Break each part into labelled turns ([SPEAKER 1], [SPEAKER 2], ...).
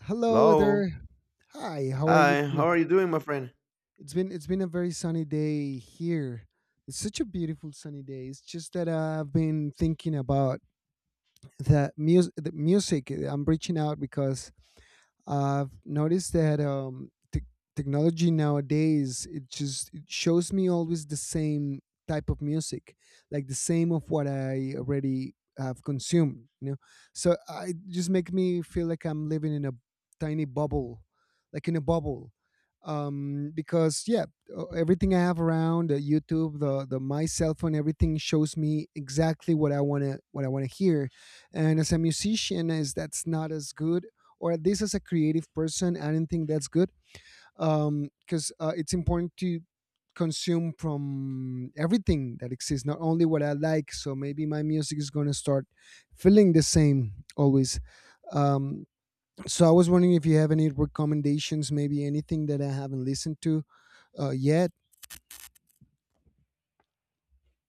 [SPEAKER 1] Hello
[SPEAKER 2] Hello.
[SPEAKER 1] there. Hi, how are you
[SPEAKER 2] Hi.
[SPEAKER 1] today?
[SPEAKER 2] How are you doing, my friend?
[SPEAKER 1] It's been a very sunny day here. It's such a beautiful sunny day. It's just that I've been thinking about the music. I'm reaching out because I've noticed that tech technology nowadays it just it shows me always the same type of music, like the same of what I already have consumed. You know, so I, it just make me feel like I'm living in a tiny bubble, like in a bubble. Um, because yeah, Everything I have around the YouTube, the my cell phone, everything shows me exactly what I wanna hear, and as a musician, is that's not as good, or at least as a creative person, I don't think that's good because it's important to consume from everything that exists, not only what I like. So maybe my music is going to start feeling the same always. um, so I was wondering if you have any recommendations, maybe anything that I haven't listened to yet.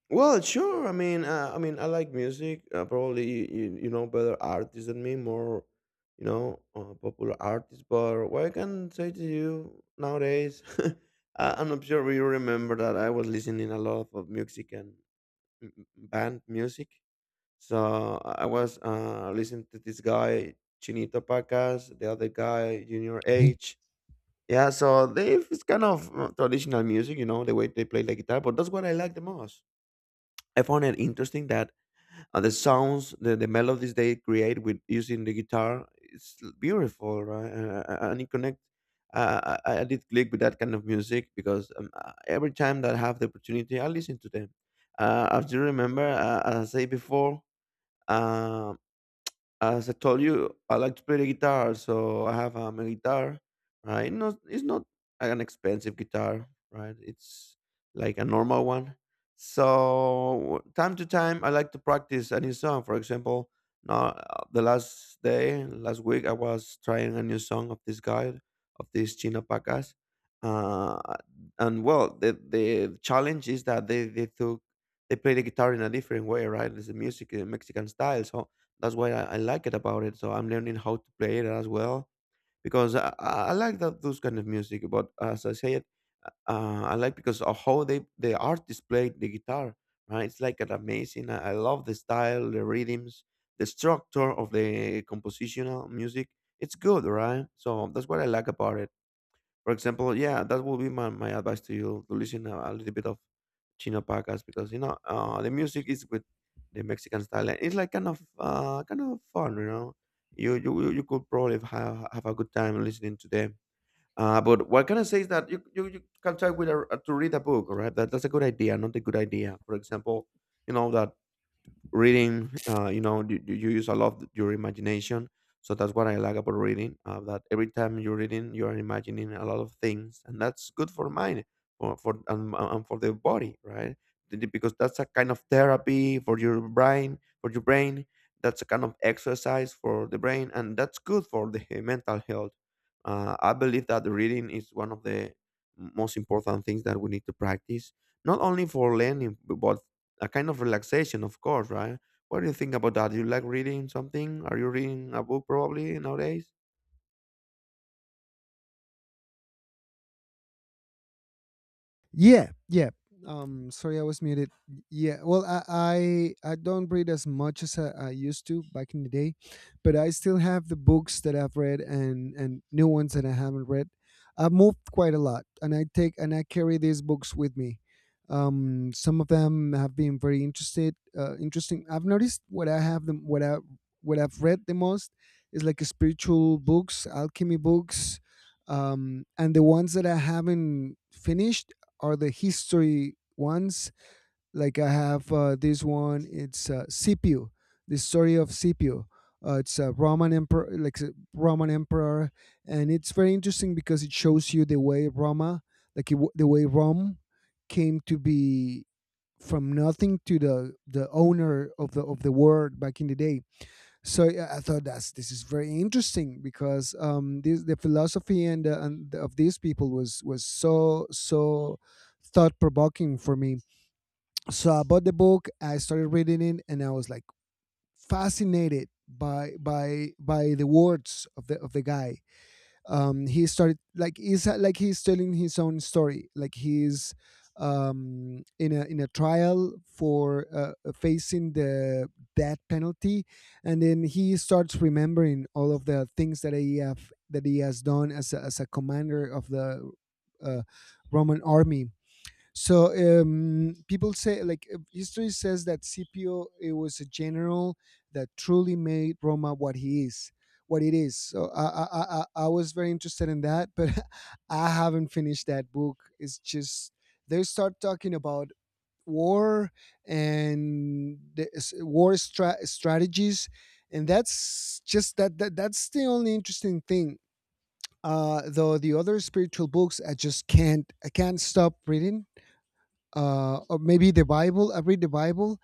[SPEAKER 2] Well, sure. I mean, I like music. Probably you know better artists than me, more popular artists. But what I can say to you nowadays, I'm not sure you remember that I was listening a lot of music and band music. So I was listening to this guy Chinito Pacas, the other guy Junior H. Yeah, so they it's kind of traditional music, you know, the way they play the guitar, but that's what I like the most. I found it interesting that the sounds, the melodies they create with using the guitar, it's beautiful, right? And it connect. I did click with that kind of music because every time that I have the opportunity, I listen to them. As you remember, as I say before, um as I told you, I like to play the guitar, so I have a guitar, right? Not, it's not an expensive guitar, right? It's like a normal one. So time to time, I like to practice a new song. For example, now last week, I was trying a new song of this guy, of this Chino Pacas. Uh, and well, the challenge is that they took they play the guitar in a different way, right? It's a music in Mexican styles, that's why I like it about it. So I'm learning how to play it as well because I like that those kind of music. But as I said, I like because of how the artist played the guitar. Right, it's like an amazing. I love the style, the rhythms, the structure of the compositional music. It's good, right? So that's what I like about it. For example, yeah, that will be my advice to you to listen a little bit of Chino podcast because the music is with the Mexican style. And it's like kind of fun, you know. You could probably have a good time listening to them. But what can I say is that you can try with to read a book, all right? That's a good idea, not a good idea. For example, you know that reading you, you use a lot your imagination, so that's what I like about reading. That every time you're reading, you're imagining a lot of things, and that's good for mind, for, and for the body, right? Because that's a kind of therapy for your brain, that's a kind of exercise for the brain, and that's good for the mental health. I believe that reading is one of the most important things that we need to practice, not only for learning but a kind of relaxation, of course, right? What do you think about that? Do you like reading something? Are you reading a book probably nowadays?
[SPEAKER 1] Yeah, yeah. Sorry, I was muted. Yeah, well, I don't read as much as I used to back in the day, but I still have the books that I've read and new ones that I haven't read. I've moved quite a lot, and I take and I carry these books with me. Some of them have been very interesting. I've noticed what I have them, what I've read the most is like spiritual books, alchemy books, and the ones that I haven't finished are the history ones. Like I have this one. It's Scipio, the story of Scipio. It's a Roman emperor, like a Roman emperor, and it's very interesting because it shows you the way Roma, the way Rome came to be, from nothing to the owner of the world back in the day. So yeah, I thought that's this is very interesting because this, the philosophy and of these people was so thought provoking for me. So I bought the book, I started reading it, and I was like fascinated by the words of the guy. He's telling his own story like he's in a trial for facing the death penalty, and then he starts remembering all of the things that he have that he has done as as a commander of the uh, Roman army. So people say, like history says, that Scipio it was a general that truly made Roma what he is, what it is. So I was very interested in that, but I haven't finished that book. It's just they start talking about war and war strategies, and that's just that's the only interesting thing. Though the other spiritual books, I can't stop reading. Uh, or maybe the Bible. I read the Bible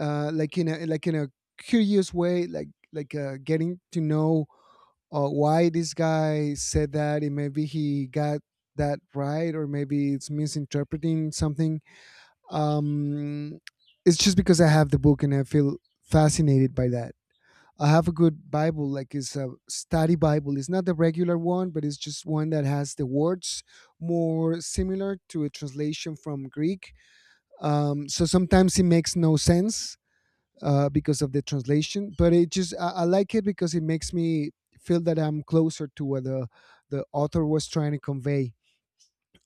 [SPEAKER 1] like in a curious way, getting to know why this guy said that, and maybe he got that right, or maybe it's misinterpreting something. Um, it's just because I have the book and I feel fascinated by that. I have a good Bible, like it's a study Bible. It's not the regular one, but it's just one that has the words more similar to a translation from Greek. So sometimes it makes no sense because of the translation, but it just I like it because it makes me feel that I'm closer to what the author was trying to convey.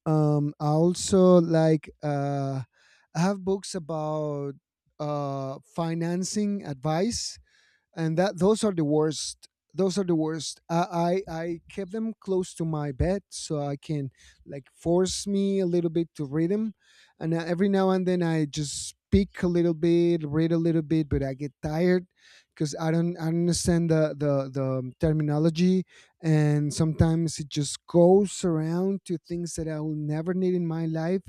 [SPEAKER 1] I also like I have books about financing advice, and that those are the worst. Those are the worst. I kept them close to my bed so I can like force me a little bit to read them, and every now and then I just pick a little bit, read a little bit, but I get tired because I don't understand the terminology, and sometimes it just goes around to things that I will never need in my life.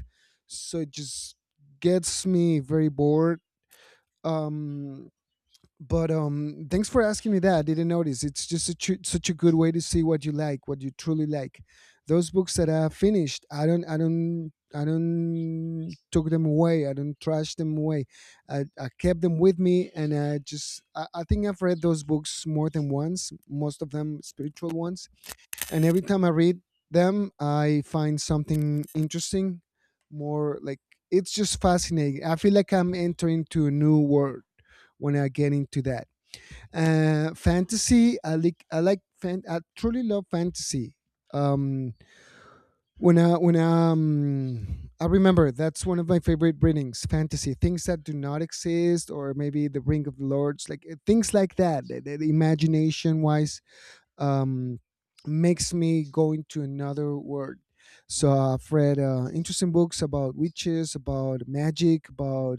[SPEAKER 1] So it just gets me very bored. Um but Thanks for asking me that. I didn't notice. It's just such a good way to see what you like, what you truly like. Those books that I finished, I don't took them away. I don't trash them away. I kept them with me, and I just I think I've read those books more than once, most of them spiritual ones. And every time I read them, I find something interesting. More like, it's just fascinating. I feel like I'm entering to a new world when I get into that. Uh, fantasy, I like I truly love fantasy. Um, I remember that's one of my favorite readings, fantasy things that do not exist, or maybe the ring of the lords, like things like that. The imagination wise, um, makes me go into another world. So I've read interesting books about witches, about magic, about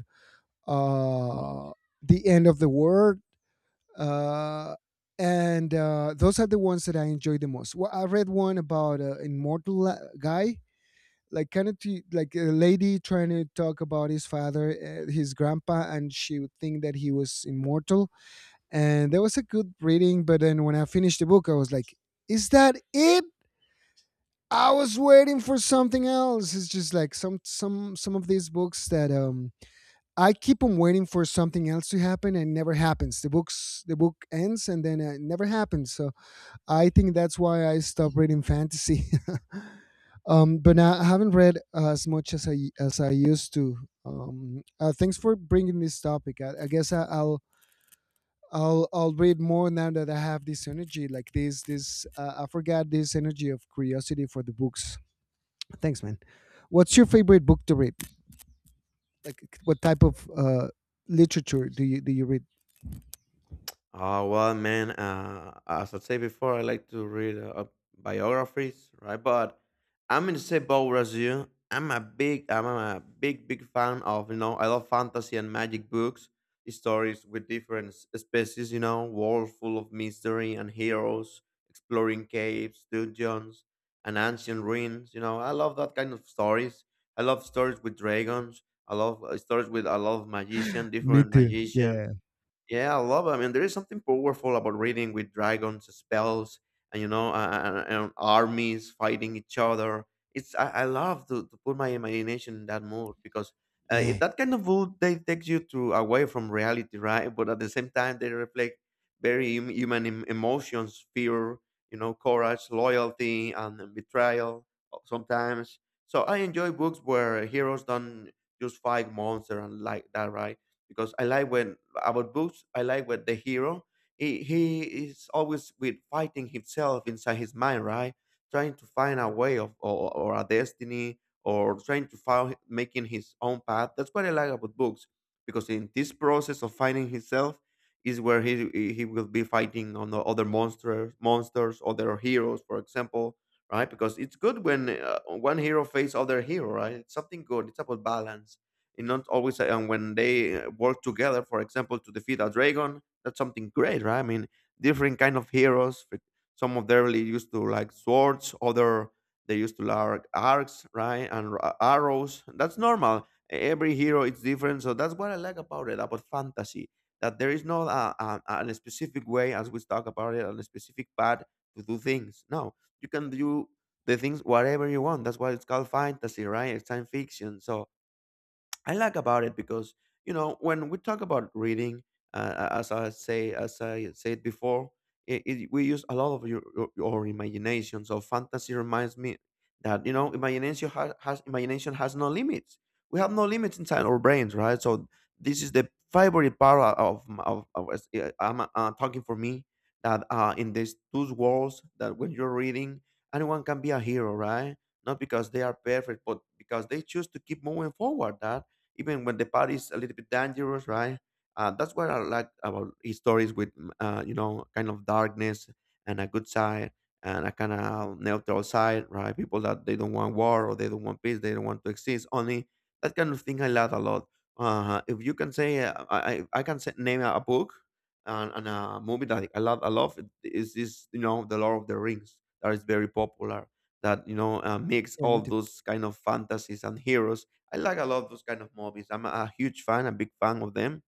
[SPEAKER 1] uh, the end of the world, uh, and those are the ones that I enjoy the most. Well, I read one about an immortal guy, like like a lady trying to talk about his father, his grandpa, and she would think that he was immortal. And that was a good reading, but then when I finished the book, I was like, "Is that it?" I was waiting for something else. It's just like some of these books that I keep on waiting for something else to happen, and never happens. The books, the book ends, and then it never happens. So I think that's why I stopped reading fantasy. But now I haven't read as much as I used to. Thanks for bringing this topic. I guess I'll read more now that I have this energy, like this I forgot this energy of curiosity for the books. Thanks, man. What's your favorite book to read? Like, what type of literature do you read?
[SPEAKER 2] Oh, well, man, as I said before, I like to read biographies, right? But I'm in the same boat as you. I'm a big, big fan of, you know, I love fantasy and magic books, stories with different species, you know, world full of mystery and heroes, exploring caves, dungeons, and ancient ruins. You know, I love that kind of stories. I love stories with dragons. I love stories with a lot of magician,
[SPEAKER 1] Me
[SPEAKER 2] different
[SPEAKER 1] too.
[SPEAKER 2] magician.
[SPEAKER 1] Yeah.
[SPEAKER 2] Yeah, I love it. I mean, there is something powerful about reading with dragons, spells, and you know, and armies fighting each other. It's I love to put my imagination in that mood because
[SPEAKER 1] Yeah.
[SPEAKER 2] that kind of mood they takes you to away from reality, right? But at the same time, they reflect very human emotions, fear, you know, courage, loyalty, and betrayal, sometimes. So I enjoy books where heroes don't just fight monster and like that, right? Because I like when, about books, I like what the hero, he is always with fighting himself inside his mind, right? Trying to find a way of, or a destiny, or trying to find making his own path. That's what I like about books, because in this process of finding himself is where he will be fighting on the other monsters, monsters, other heroes, for example, right? Because it's good when one hero faces other hero, right? It's something good. It's about balance and not always. And when they work together, for example, to defeat a dragon, that's something great, right? I mean, different kind of heroes, like, some of them really used to like swords, other they used to like arcs, right? And arrows, that's normal. Every hero is different, so that's what I like about it, about fantasy. That there is not a specific way, as we talk about it, a specific path to do things, no. You can do the things whatever you want. That's why it's called fantasy, right? It's science fiction. So I like about it because you know, when we talk about reading, as I said before, we use a lot of your imagination. So fantasy reminds me that you know, imagination has imagination has no limits. We have no limits inside our brains, right? So this is the favorite part of of I'm talking for me, that in these two worlds, that when you're reading, anyone can be a hero, right? Not because they are perfect, but because they choose to keep moving forward. That even when the part is a little bit dangerous, right? That's what I like about his stories with, you know, kind of darkness and a good side and a kind of neutral side, right? People that they don't want war, or they don't want peace, they don't want to exist. Only that kind of thing I love a lot. If you can say, I can say, name a book and, a movie that I love a lot is this, you know, The Lord of the Rings, that is very popular, that you know, mix
[SPEAKER 1] Yeah, me
[SPEAKER 2] all
[SPEAKER 1] too.
[SPEAKER 2] those kind of fantasies and heroes. I like a lot of those kind of movies. I'm a huge fan, a big fan of them.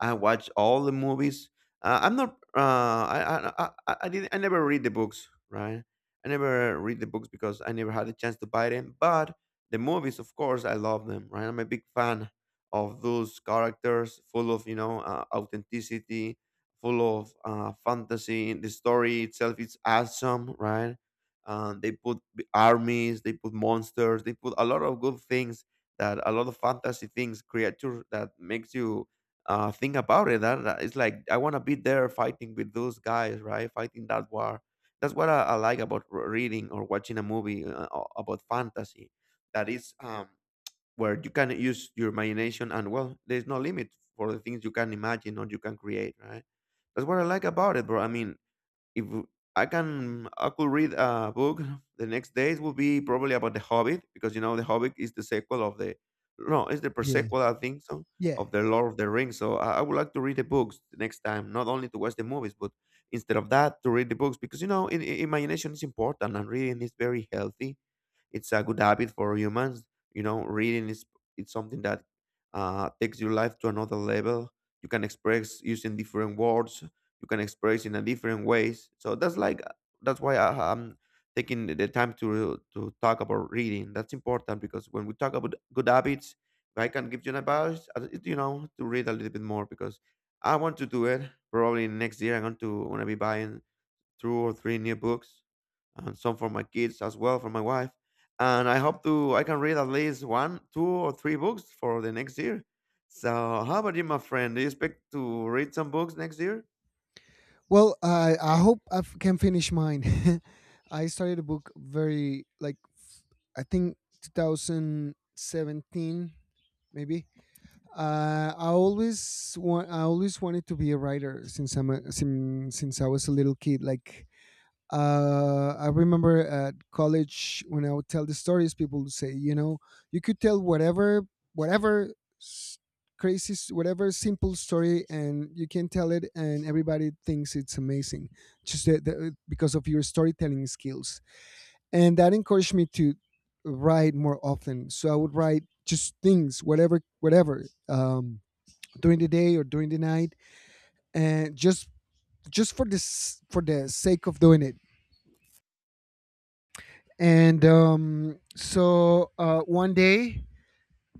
[SPEAKER 2] I watched all the movies. I'm not. I didn't. I never read the books, right? I never read the books because I never had a chance to buy them. But the movies, of course, I love them, right? I'm a big fan of those characters, full of you know, authenticity, full of fantasy. The story itself is awesome, right? They put armies, they put monsters, they put a lot of good things, that a lot of fantasy things, creatures that makes you thing about it. That it's like I want to be there fighting with those guys, right? Fighting that war. That's what I like about reading or watching a movie about fantasy. That is where you can use your imagination, and well, there's no limit for the things you can imagine or you can create, right? That's what I like about it, bro. I mean, if I can, I could read a book. The next days will be probably about the Hobbit, because you know the Hobbit is the sequel of the, no, it's the
[SPEAKER 1] Yeah.
[SPEAKER 2] prequel, I think so,
[SPEAKER 1] Yeah.
[SPEAKER 2] of the Lord of the Rings. So I would like to read the books the next time, not only to watch the movies, but instead of that to read the books, because you know, in, imagination is important and reading is very healthy, it's a good habit for humans. You know, reading is it's something that takes your life to another level. You can express using different words. You can express in a different ways. So that's like that's why I'm taking the time to talk about reading. That's important because when we talk about good habits, if I can give you an advice, you know, to read a little bit more because I want to do it. Probably next year, I'm going to want to be buying 2 or 3 new books, and some for my kids as well, for my wife. And I hope to I can read at least 1, 2, or 3 books for the next year. So how about you, my friend? Do you expect to read some books next year?
[SPEAKER 1] Well, I hope can finish mine. I started a book very like I think 2017 maybe. I always wanted to be a writer since since I was a little kid. Like I remember at college when I would tell the stories, people would say, you know, you could tell whatever, whatever s- crazy, s- whatever simple story, and you can tell it, and everybody thinks it's amazing, just because of your storytelling skills. And that encouraged me to write more often. So I would write just things, during the day or during the night, and just for this for the sake of doing it. And one day,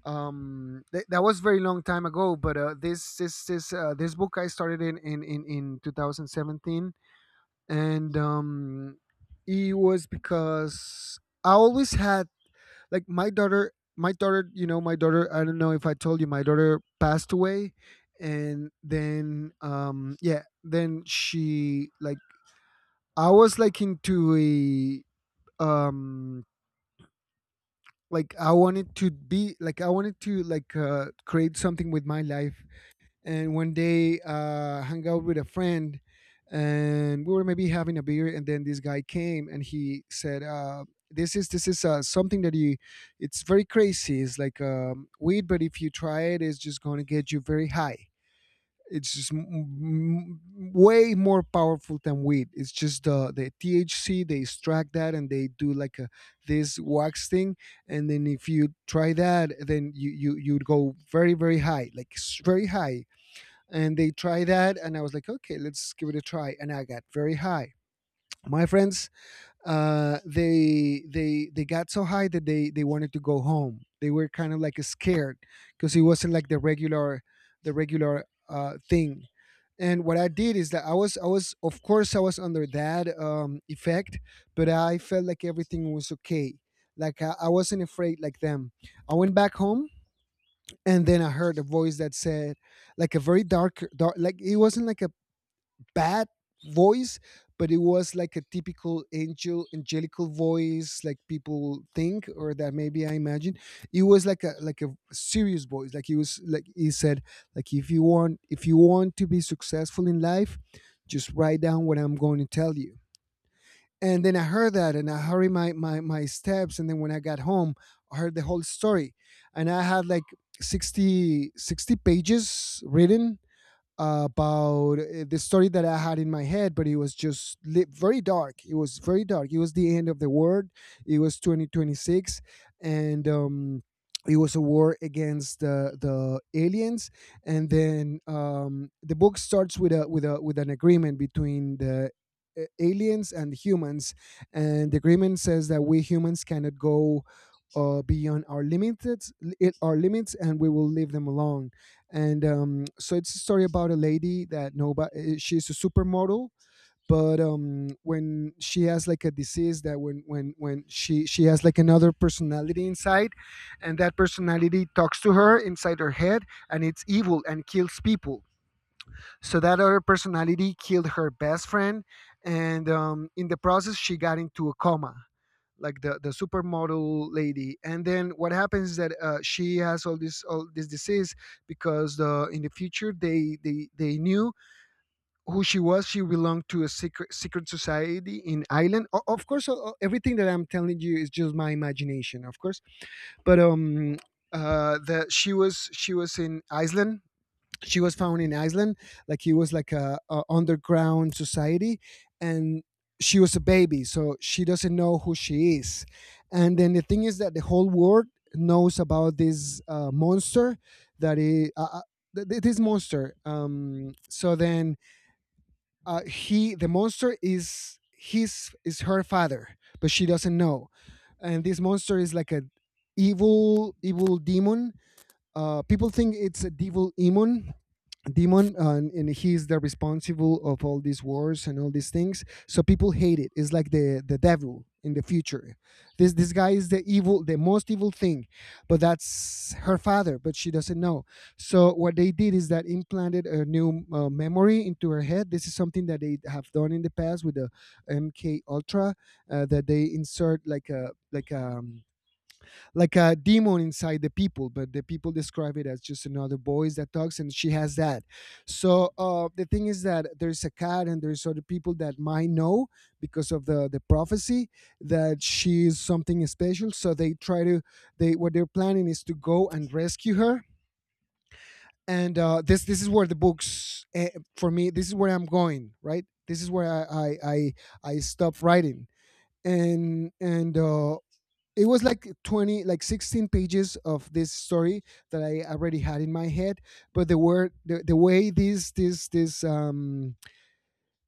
[SPEAKER 1] that was very long time ago, but this book I started in in 2017. And it was because I always had, like, my daughter, you know, my daughter, I don't know if I told you, my daughter passed away. And then yeah, then she like, I was like into a um like I wanted to be like I wanted to like create something with my life. And one day hung out with a friend, and we were maybe having a beer, and then this guy came and he said, this is something that you, it's very crazy, it's like weed, but if you try it, it's just going to get you very high. It's just way more powerful than weed. It's just the THC. They extract that and they do like a, this wax thing. And then if you try that, then you'd go very very high, like very high. And they try that, and I was like, okay, let's give it a try, and I got very high. My friends, they got so high that they wanted to go home. They were kind of like scared because it wasn't like the regular the regular thing. And what I did is that I was of course I was under that effect, but I felt like everything was okay. I wasn't afraid like them. I went back home, and then I heard a voice that said, like a very dark like, it wasn't like a bad voice, but it was like a typical angelical voice, like people think, or that maybe I imagine. It was like a serious voice, like he said, like, if you want to be successful in life, just write down what I'm going to tell you. And then I heard that, and I hurried my steps. And then when I got home, I heard the whole story. And I had like 60 60 pages written about the story that I had in my head, but it was just very dark. It was very dark. It was the end of the world. It was 2026, and it was a war against the aliens. And then the book starts with a with an agreement between the aliens and humans, and the agreement says that we humans cannot go. Beyond our our limits, and we will leave them alone. And so it's a story about a lady that she's a supermodel, but when she has like a disease, that when she has like another personality inside, and that personality talks to her inside her head, and it's evil and kills people. So that other personality killed her best friend, and in the process she got into a coma, like the supermodel lady. And then what happens is that she has all this disease because the in the future they they knew who she was. She belonged to a secret society in Ireland. Of course, everything that I'm telling you is just my imagination, of course. But the she was in Iceland. She was found in Iceland, like he was like a underground society, and she was a baby, so she doesn't know who she is. And then the thing is that the whole world knows about this monster, that is this monster. So then the monster is his is her father, but she doesn't know. And this monster is like a evil demon. People think it's a devil demon, and he's the responsible of all these wars and all these things, so people hate it. It's like the devil in the future. This guy is the evil, the most evil thing, but that's her father, but she doesn't know. So what they did is that implanted a new memory into her head. This is something that they have done in the past with the MK Ultra, that they insert like a like a demon inside the people, but the people describe it as just another voice that talks, and she has that. So the thing is that there's a cat, and there's other people that might know because of the prophecy, that she is something special. So they try to, they, what they're planning is to go and rescue her. And this this is where the books for me, this is where I'm going right. This is where I I, I stop writing. And it was like 20, like 16 pages of this story that I already had in my head, but the way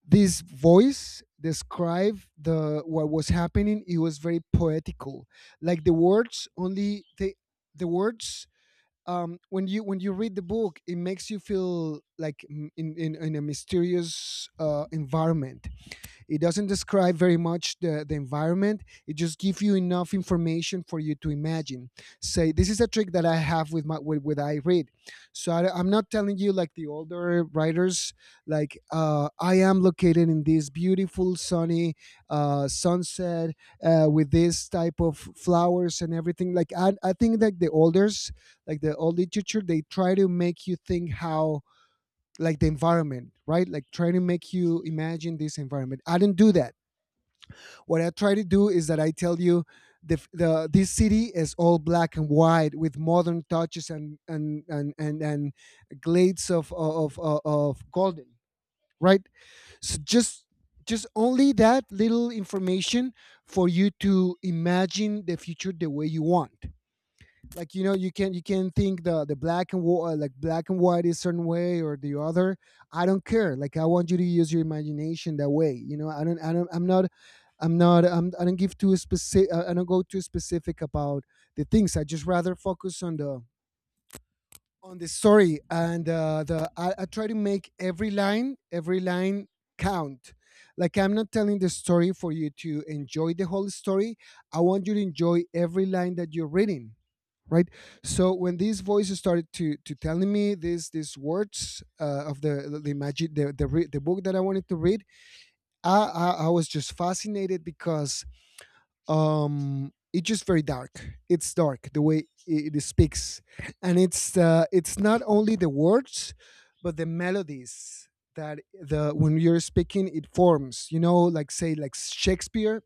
[SPEAKER 1] this voice described the what was happening, it was very poetical. Like the words, only the words. When you read the book, it makes you feel like in a mysterious environment. It doesn't describe very much the environment. It just gives you enough information for you to imagine. Say, this is a trick that I have with with I read. So am not telling you like the older writers, like I am located in this beautiful sunny sunset with this type of flowers and everything. Like I think that the olders, like the old literature, they try to make you think how, like the environment, right? Like try to make you imagine this environment. I didn't do that. What I try to do is that I tell you, the this city is all black and white with modern touches and and glades of of golden, right? So just only that little information for you to imagine the future the way you want. Like you know, you can, you can think the black and white, like black and white is certain way or the other. I don't care. Like, I want you to use your imagination that way. You know, I don't I'm not I'm not I'm, I don't give too specific, I don't go too specific about the things. I just rather focus on the story. And the I try to make every line count. Like, I'm not telling the story for you to enjoy the whole story. I want you to enjoy every line that you're reading, right? So when these voices started to telling me these words, of the magic, the book that I wanted to read, I was just fascinated because it's just very dark. It's dark the way it speaks. And it's not only the words, but the melodies, that the when you're speaking, it forms, you know, like say, like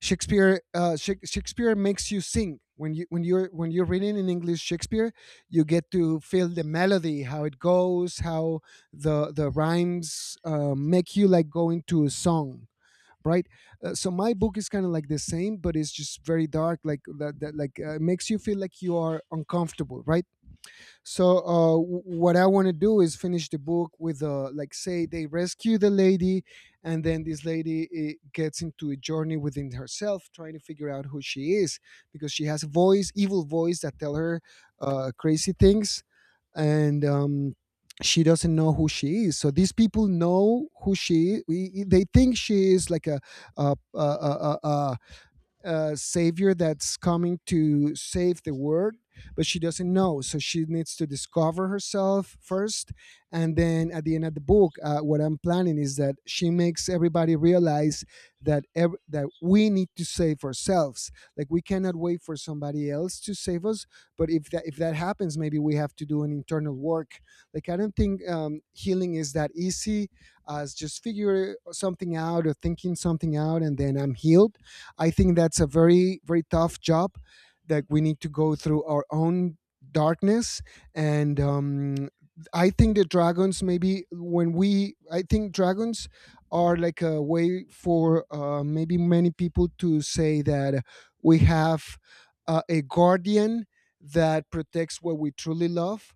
[SPEAKER 1] Shakespeare, Shakespeare makes you sing when you're reading in English Shakespeare. You get to feel the melody, how it goes, how the rhymes make you like go into a song, right? So my book is kind of like the same, but it's just very dark, like that, like makes you feel like you are uncomfortable, right? So what I want to do is finish the book with like say, they rescue the lady, and then this lady gets into a journey within herself, trying to figure out who she is, because she has a voice, evil voice, that tell her crazy things. And she doesn't know who she is. So these people know who she. They think she is like a a savior that's coming to save the world, but she doesn't know. So she needs to discover herself first. And then at the end of the book, what I'm planning is that she makes everybody realize that that we need to save ourselves. Like, we cannot wait for somebody else to save us. But if that happens, maybe we have to do an internal work. Like, I don't think healing is that easy, as just figure something out or thinking something out, and then I'm healed. I think that's a very, very tough job, that we need to go through our own darkness. And I think the dragons, maybe when we, I think dragons are like a way for maybe many people to say that we have a guardian that protects what we truly love.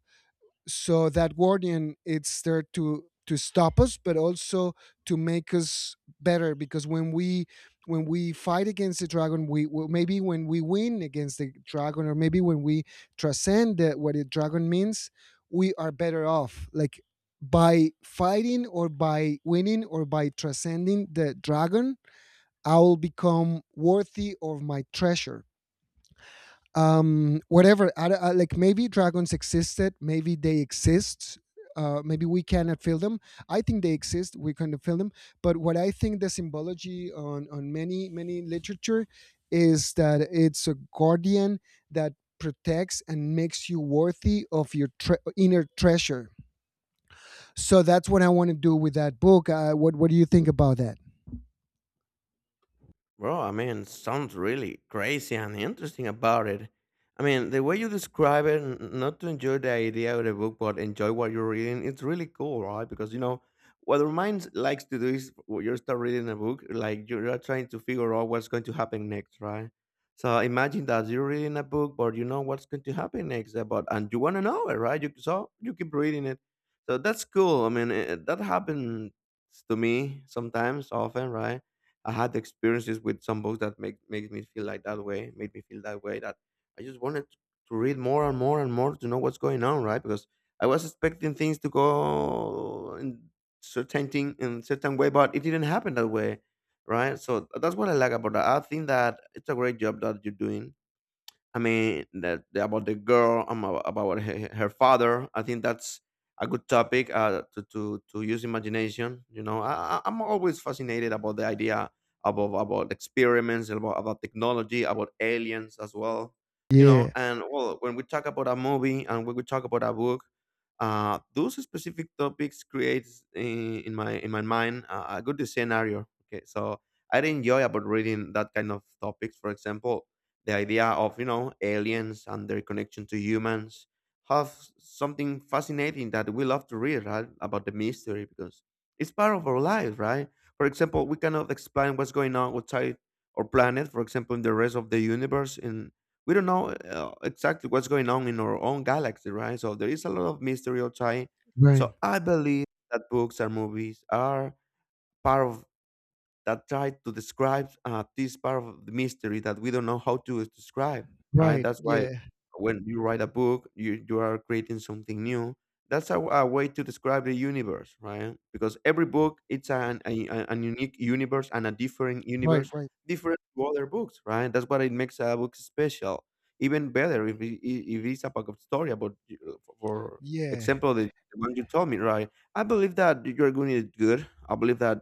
[SPEAKER 1] So that guardian, it's there to stop us, but also to make us better. Because when we, when we fight against the dragon, we, well, maybe when we win against the dragon, or maybe when we transcend what the dragon means, we are better off. Like, by fighting, or by winning, or by transcending the dragon, I will become worthy of my treasure. Whatever like, maybe dragons existed, maybe they exist, maybe we cannot feel them. I think they exist. We cannot feel them. But what I think, the symbology on many many literature, is that it's a guardian that protects and makes you worthy of your inner treasure. So that's what I want to do with that book. What do you think about that?
[SPEAKER 2] Bro, I mean, sounds really crazy and interesting about it. I mean, the way you describe it, not to enjoy the idea of the book, but enjoy what you're reading, it's really cool, right? Because, you know, what our minds likes to do is when you start reading a book, like you're trying to figure out what's going to happen next, right? So imagine that you're reading a book, but you know what's going to happen next, about and you want to know it, right? You so you keep reading it. So that's cool. I mean, that happens to me sometimes, often, right? I had experiences with some books that make me feel like that way, made me feel that way that I just wanted to read more and more and more to know what's going on, right? Because I was expecting things to go in certain thing in certain way, but it didn't happen that way, right? So that's what I like about that. I think that it's a great job that you're doing. I mean, that about the girl, about her, her father. I think that's a good topic to use imagination. You know, I'm always fascinated about the idea about experiments, about technology, about aliens as well. You know,
[SPEAKER 1] Yeah,
[SPEAKER 2] and well, when we talk about a movie and when we talk about a book, those specific topics creates in my mind a good scenario. Okay, so I enjoy about reading that kind of topics. For example, the idea of you know aliens and their connection to humans have something fascinating that we love to read right about the mystery because it's part of our lives, right? For example, we cannot explain what's going on outside our planet. For example, in the rest of the universe, in we don't know exactly what's going on in our own galaxy, right? So there is a lot of mystery outside.
[SPEAKER 1] right,
[SPEAKER 2] So I believe that books and movies are part of that try to describe this part of the mystery that we don't know how to describe, right?
[SPEAKER 1] right,
[SPEAKER 2] That's why
[SPEAKER 1] yeah,
[SPEAKER 2] when you write a book, you are creating something new. That's a way to describe the universe, right? Because every book, it's an unique universe and a different
[SPEAKER 1] right,
[SPEAKER 2] universe,
[SPEAKER 1] right,
[SPEAKER 2] different to other books, right? That's what it makes a book special. Even better if it's a book of story about, for for
[SPEAKER 1] yeah,
[SPEAKER 2] example, the one you told me, right? I believe that you're going to do good. I believe that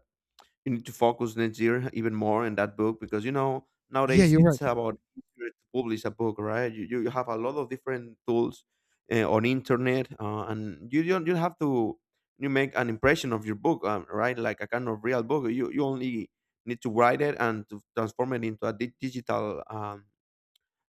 [SPEAKER 2] you need to focus next year even more in that book because you know
[SPEAKER 1] yeah.
[SPEAKER 2] nowadays
[SPEAKER 1] You're right.
[SPEAKER 2] it's about easier to publish a book right you have a lot of different tools on internet and you don't you have to you make an impression of your book right like a kind of real book you only need to write it and to transform it into a digital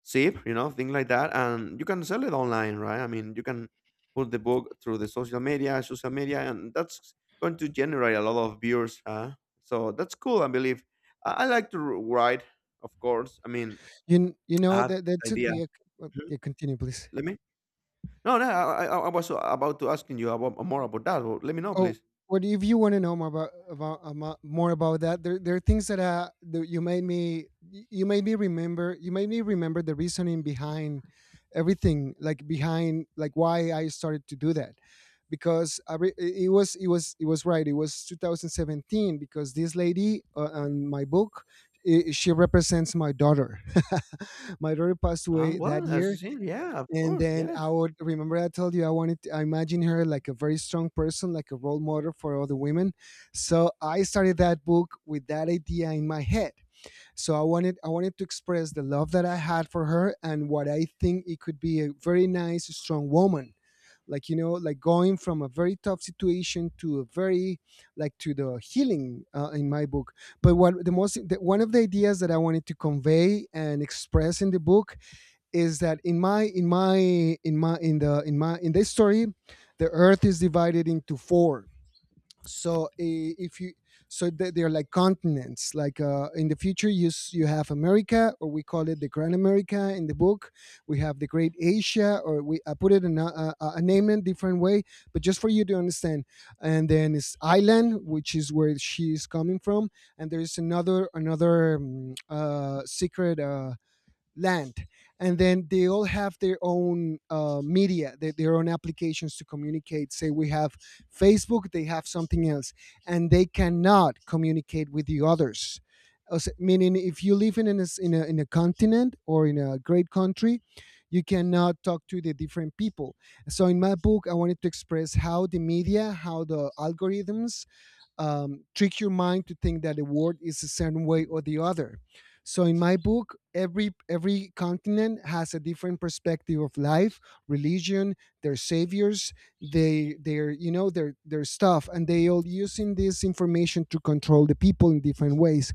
[SPEAKER 2] zip, you know, things like that. And you can sell it online, right? I mean, you can put the book through the social media, and that's going to generate a lot of viewers. Huh? So that's cool, I believe. I like to write, of course. I mean,
[SPEAKER 1] You
[SPEAKER 2] I
[SPEAKER 1] know
[SPEAKER 2] have
[SPEAKER 1] that
[SPEAKER 2] this
[SPEAKER 1] that's it.
[SPEAKER 2] idea.
[SPEAKER 1] The
[SPEAKER 2] Mhm.
[SPEAKER 1] yeah, continue, please.
[SPEAKER 2] Let me. No, no, I was about to asking you about more about that. Well, let me know,
[SPEAKER 1] Oh,
[SPEAKER 2] please.
[SPEAKER 1] what if you want to know more about, more about that? There are things that, that you made me, you made me remember. You made me remember the reasoning behind everything, like behind, like, why I started to do that, because it it was it was right. It was 2017, because this lady on my book, I she represents my daughter. My daughter passed
[SPEAKER 2] Ah,
[SPEAKER 1] away that
[SPEAKER 2] well, as you
[SPEAKER 1] year.
[SPEAKER 2] see, yeah, of
[SPEAKER 1] And
[SPEAKER 2] course,
[SPEAKER 1] then
[SPEAKER 2] yes.
[SPEAKER 1] I would remember, I told you I wanted to, I imagine her like a very strong person, like a role model for other women. So I started that book with that idea in my head. So I wanted to express the love that I had for her, and what I think it could be a very nice, strong woman. Like, you know, like going from a very tough situation to a very, like, to the healing in my book. But what the most the, one of the ideas that I wanted to convey and express in the book is that in my in my in my in the in my in this story the earth is divided into four. So if you, so they're like continents, like in the future you have America, or we call it the Grand America in the book. We have the Great Asia, or we, I put it in a, a name in a different way, but just for you to understand. And then it's island, which is where she's coming from. And there is another secret land. And then they all have their own media, their own applications to communicate. Say we have Facebook, they have something else, and they cannot communicate with the others. As, meaning if you live in a, in a continent, or in a great country, you cannot talk to the different people. So in my book, I wanted to express how the media, how the algorithms trick your mind to think that a word is a certain way or the other. So in my book, every continent has a different perspective of life, religion, their saviors, they, their, you know, their stuff, and they all using this information to control the people in different ways.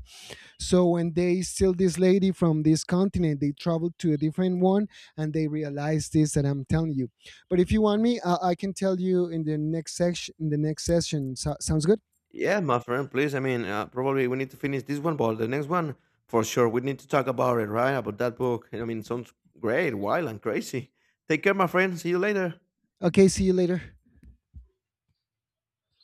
[SPEAKER 1] So when they steal this lady from this continent, they travel to a different one, and they realize this that I'm telling you. But if you want me, I can tell you in the next section. In the next session, so, sounds good.
[SPEAKER 2] Yeah, my friend, please. I mean, probably we need to finish this one, but the next one, for sure, we need to talk about it, right? About that book. I mean, sounds great, wild, and crazy. Take care, my friend. See you later.
[SPEAKER 1] Okay, see you later.